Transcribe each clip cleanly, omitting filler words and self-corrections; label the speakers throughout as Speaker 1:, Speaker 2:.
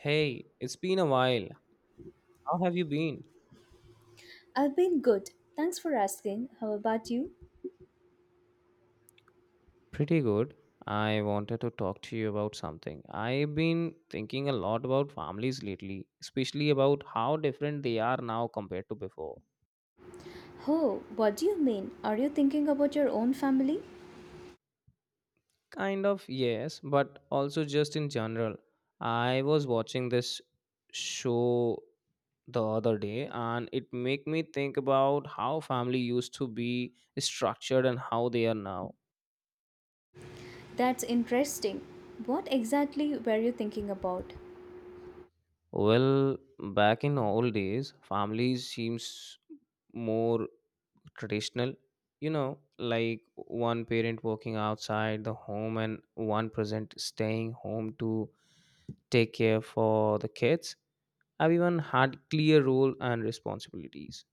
Speaker 1: Hey, it's been a while. How have you been?
Speaker 2: I've been good. Thanks for asking. How about you?
Speaker 1: Pretty good. I wanted to talk to you about something. I've been thinking a lot about families lately, especially about how different they are now compared to before.
Speaker 2: Oh, what do you mean? Are you thinking about your own family?
Speaker 1: Kind of, yes, but also just in general. I was watching this show the other day and it made me think about how family used to be structured and how they are now.
Speaker 2: That's interesting. What exactly were you thinking about?
Speaker 1: Well, back in old days, families seems more traditional. You know, like one parent working outside the home and one present staying home to take care for the kids. Everyone had clear role and responsibilities.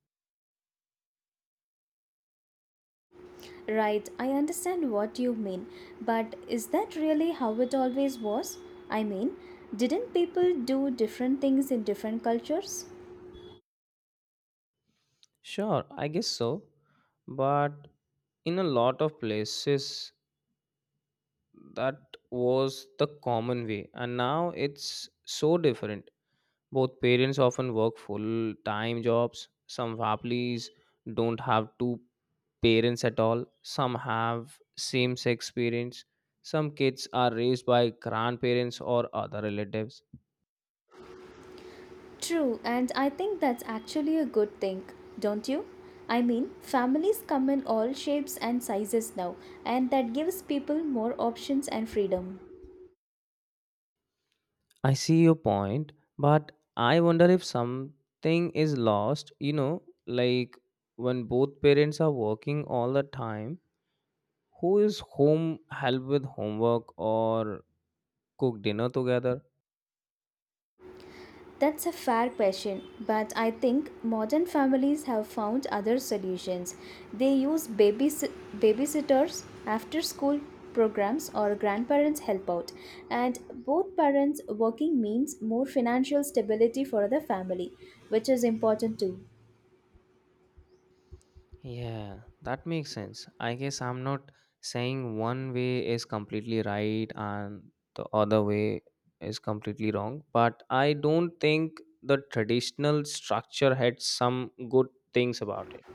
Speaker 2: Right, I understand what you mean, but is that really how it always was? I mean, didn't people do different things in different cultures?
Speaker 1: Sure, I guess so. But in a lot of places that was the common way, and now it's so different. Both parents often work full time jobs. Some families don't have two parents at all. Some have same sex parents. Some kids are raised by grandparents or other relatives.
Speaker 2: True, and I think that's actually a good thing, don't you? Families come in all shapes and sizes now, and that gives people more options and freedom.
Speaker 1: I see your point, but I wonder if something is lost, like when both parents are working all the time, who is home help with homework or cook dinner together?
Speaker 2: That's a fair question, but I think modern families have found other solutions. They use babysitters, after school programs, or grandparents help out, and both parents working means more financial stability for the family, which is important too.
Speaker 1: Yeah, that makes sense. I guess I'm not saying one way is completely right and the other way is completely wrong, but I don't think the traditional structure had some good things about it.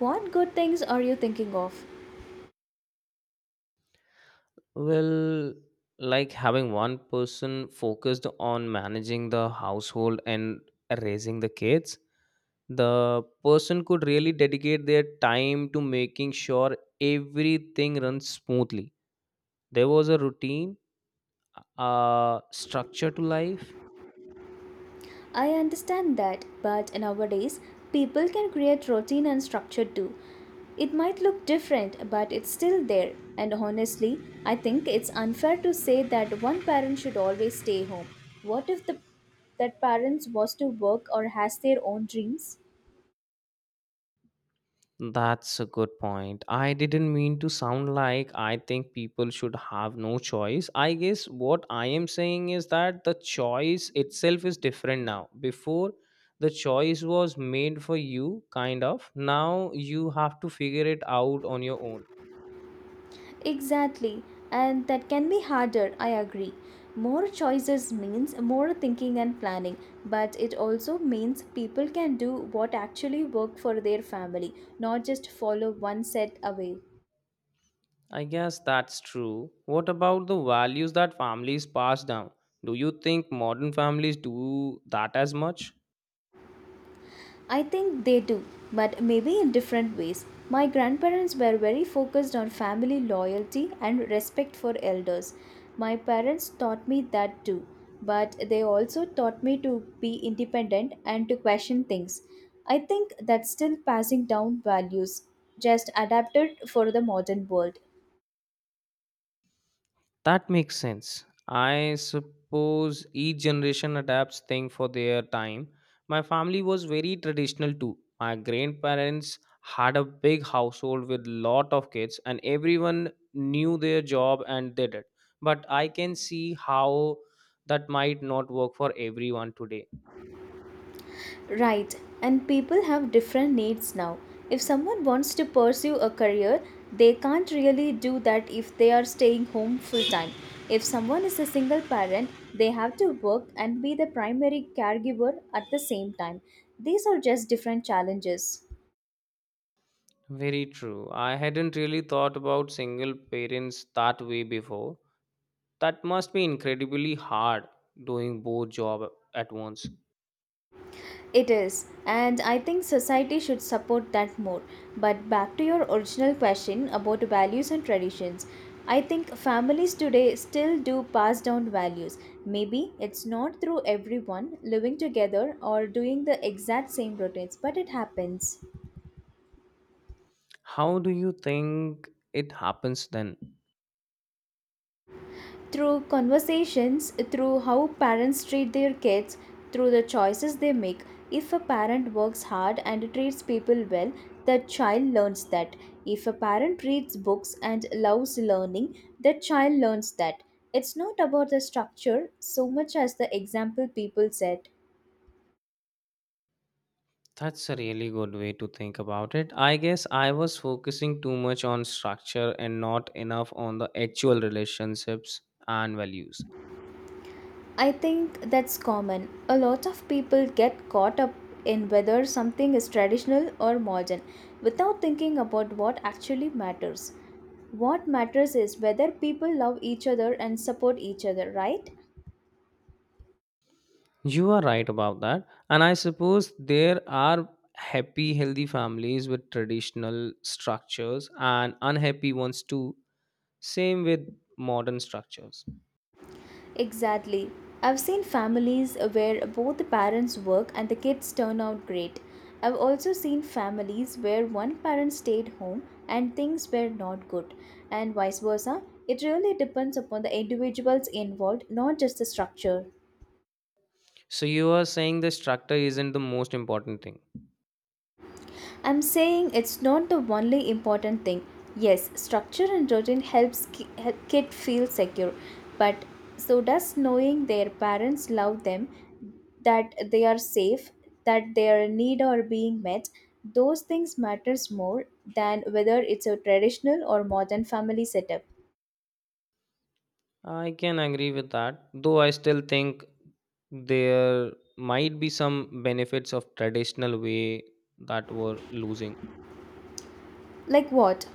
Speaker 2: What good things are you thinking of?
Speaker 1: Well, like having one person focused on managing the household and raising the kids, the person could really dedicate their time to making sure everything runs smoothly. There was a routine structure to life.
Speaker 2: I understand that, but nowadays people can create routine and structure too. It might look different, but it's still there. And honestly, I think it's unfair to say that one parent should always stay home. What if the that parents was to work or has their own dreams?
Speaker 1: That's a good point. I didn't mean to sound like I think people should have no choice. I guess what I am saying is that the choice itself is different now. Before, the choice was made for you, kind of. Now you have to figure it out on your own.
Speaker 2: Exactly, and that can be harder, I agree. More choices means more thinking and planning, but it also means people can do what actually work for their family, not just follow one set away.
Speaker 1: I guess that's true. What about the values that families pass down? Do you think modern families do that as much?
Speaker 2: I think they do, but maybe in different ways. My grandparents were very focused on family loyalty and respect for elders. My parents taught me that too, but they also taught me to be independent and to question things. I think that's still passing down values, just adapted for the modern world.
Speaker 1: That makes sense. I suppose each generation adapts things for their time. My family was very traditional too. My grandparents had a big household with lot of kids and everyone knew their job and did it. But I can see how that might not work for everyone today.
Speaker 2: Right, and people have different needs now. If someone wants to pursue a career, they can't really do that if they are staying home full time. If someone is a single parent, they have to work and be the primary caregiver at the same time. These are just different challenges.
Speaker 1: Very true. I hadn't really thought about single parents that way before. That must be incredibly hard doing both job at once.
Speaker 2: It is, and I think society should support that more. But back to your original question about values and traditions, I think families today still do pass down values. Maybe it's not through everyone living together or doing the exact same routines, but it happens.
Speaker 1: How do you think it happens then?
Speaker 2: Through conversations, through how parents treat their kids, through the choices they make. If a parent works hard and treats people well, the child learns that. If a parent reads books and loves learning, the child learns that. It's not about the structure so much as the example people set.
Speaker 1: That's a really good way to think about it. I guess I was focusing too much on structure and not enough on the actual relationships and values.
Speaker 2: I think that's common. A lot of people get caught up in whether something is traditional or modern without thinking about what actually matters. What matters is whether people love each other and support each other, right?
Speaker 1: You are right about that. And I suppose there are happy, healthy families with traditional structures and unhappy ones too. Same with modern structures.
Speaker 2: Exactly. I've seen families where both the parents work and the kids turn out great. I've also seen families where one parent stayed home and things were not good, and vice versa. It really depends upon the individuals involved, not just the structure.
Speaker 1: So you are saying the structure isn't the most important thing.
Speaker 2: I'm saying it's not the only important thing. Yes, structure and routine help kid feel secure, but so does knowing their parents love them, that they are safe, that their need are being met. Those things matters more than whether it's a traditional or modern family setup.
Speaker 1: I can agree with that, though I still think there might be some benefits of traditional way that were losing.
Speaker 2: Like what?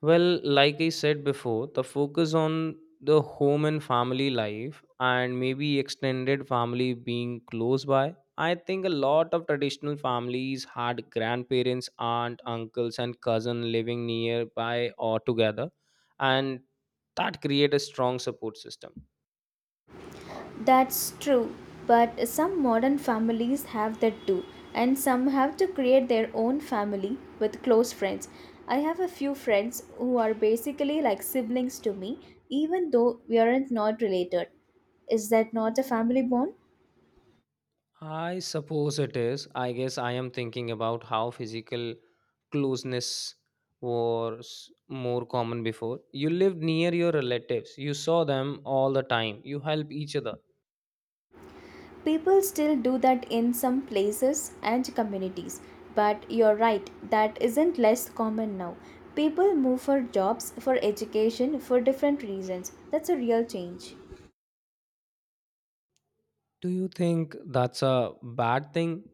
Speaker 1: Well, like I said before, the focus on the home and family life and maybe extended family being close by. I think a lot of traditional families had grandparents, aunt, uncles, and cousin living nearby or together, and that create a strong support system.
Speaker 2: That's true, but some modern families have that too, and some have to create their own family with close friends. I have a few friends who are basically like siblings to me, even though we aren't not related. Is that not a family bond?
Speaker 1: I suppose it is. I guess I am thinking about how physical closeness was more common before. You lived near your relatives, you saw them all the time, you help each other.
Speaker 2: People still do that in some places and communities, but you're right, that isn't less common now. People move for jobs, for education, for different reasons. That's a real change.
Speaker 1: Do you think that's a bad thing?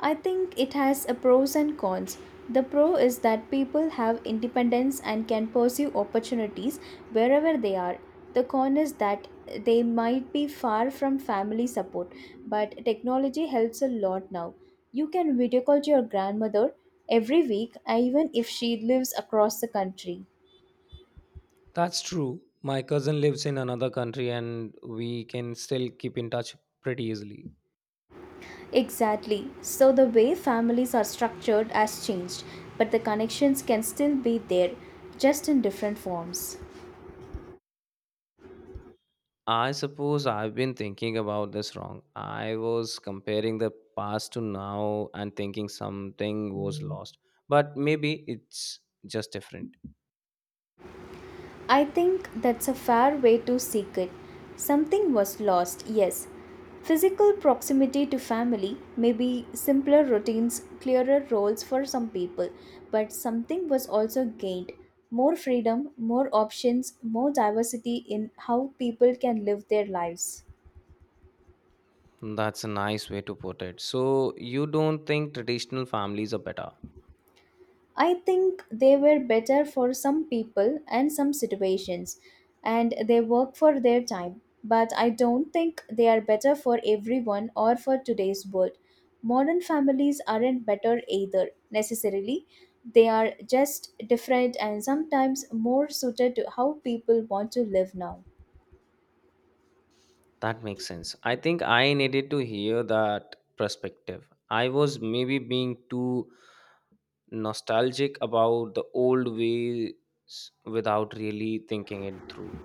Speaker 2: I think it has a pros and cons. The pro is that people have independence and can pursue opportunities wherever they are. The con is that they might be far from family support, but technology helps a lot now. You can video call to your grandmother every week, even if she lives across the country.
Speaker 1: That's true. My cousin lives in another country and we can still keep in touch pretty easily.
Speaker 2: Exactly. So the way families are structured has changed, but the connections can still be there, just in different forms.
Speaker 1: I suppose I've been thinking about this wrong. I was comparing the past to now and thinking something was lost, but maybe it's just different.
Speaker 2: I think that's a fair way to seek it. Something was lost, yes. Physical proximity to family, maybe simpler routines, clearer roles for some people, but something was also gained. More freedom, more options, more diversity in how people can live their lives.
Speaker 1: That's a nice way to put it. So, you don't think traditional families are better?
Speaker 2: I think they were better for some people and some situations, and they work for their time. But I don't think they are better for everyone or for today's world. Modern families aren't better either, necessarily. They are just different and sometimes more suited to how people want to live now.
Speaker 1: That makes sense. I think I needed to hear that perspective. I was maybe being too nostalgic about the old ways without really thinking it through.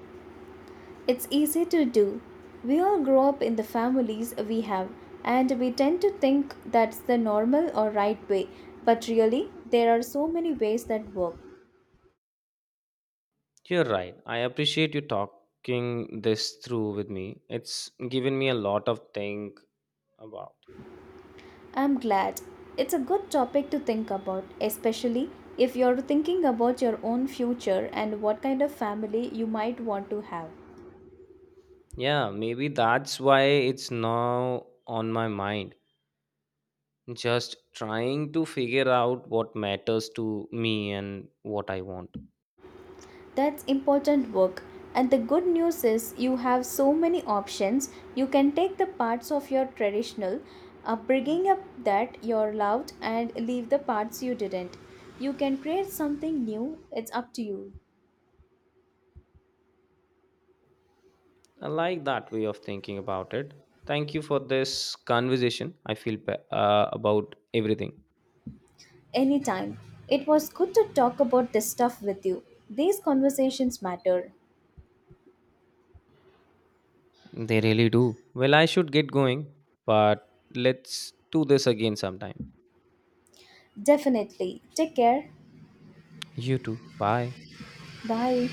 Speaker 2: It's easy to do. We all grow up in the families we have, and we tend to think that's the normal or right way, but really, there are so many ways that work.
Speaker 1: You're right. I appreciate you talking this through with me. It's given me a lot of think about.
Speaker 2: I'm glad. It's a good topic to think about, especially if you're thinking about your own future and what kind of family you might want to have.
Speaker 1: Yeah, maybe that's why it's now on my mind. Just trying to figure out what matters to me and what I want.
Speaker 2: That's important work. And the good news is you have so many options. You can take the parts of your traditional upbringing up that you loved and leave the parts you didn't. You can create something new. It's up to you.
Speaker 1: I like that way of thinking about it. Thank you for this conversation. I feel about everything.
Speaker 2: Anytime. It was good to talk about this stuff with you. These conversations matter.
Speaker 1: They really do. Well, I should get going, but let's do this again sometime.
Speaker 2: Definitely. Take care.
Speaker 1: You too. Bye.
Speaker 2: Bye.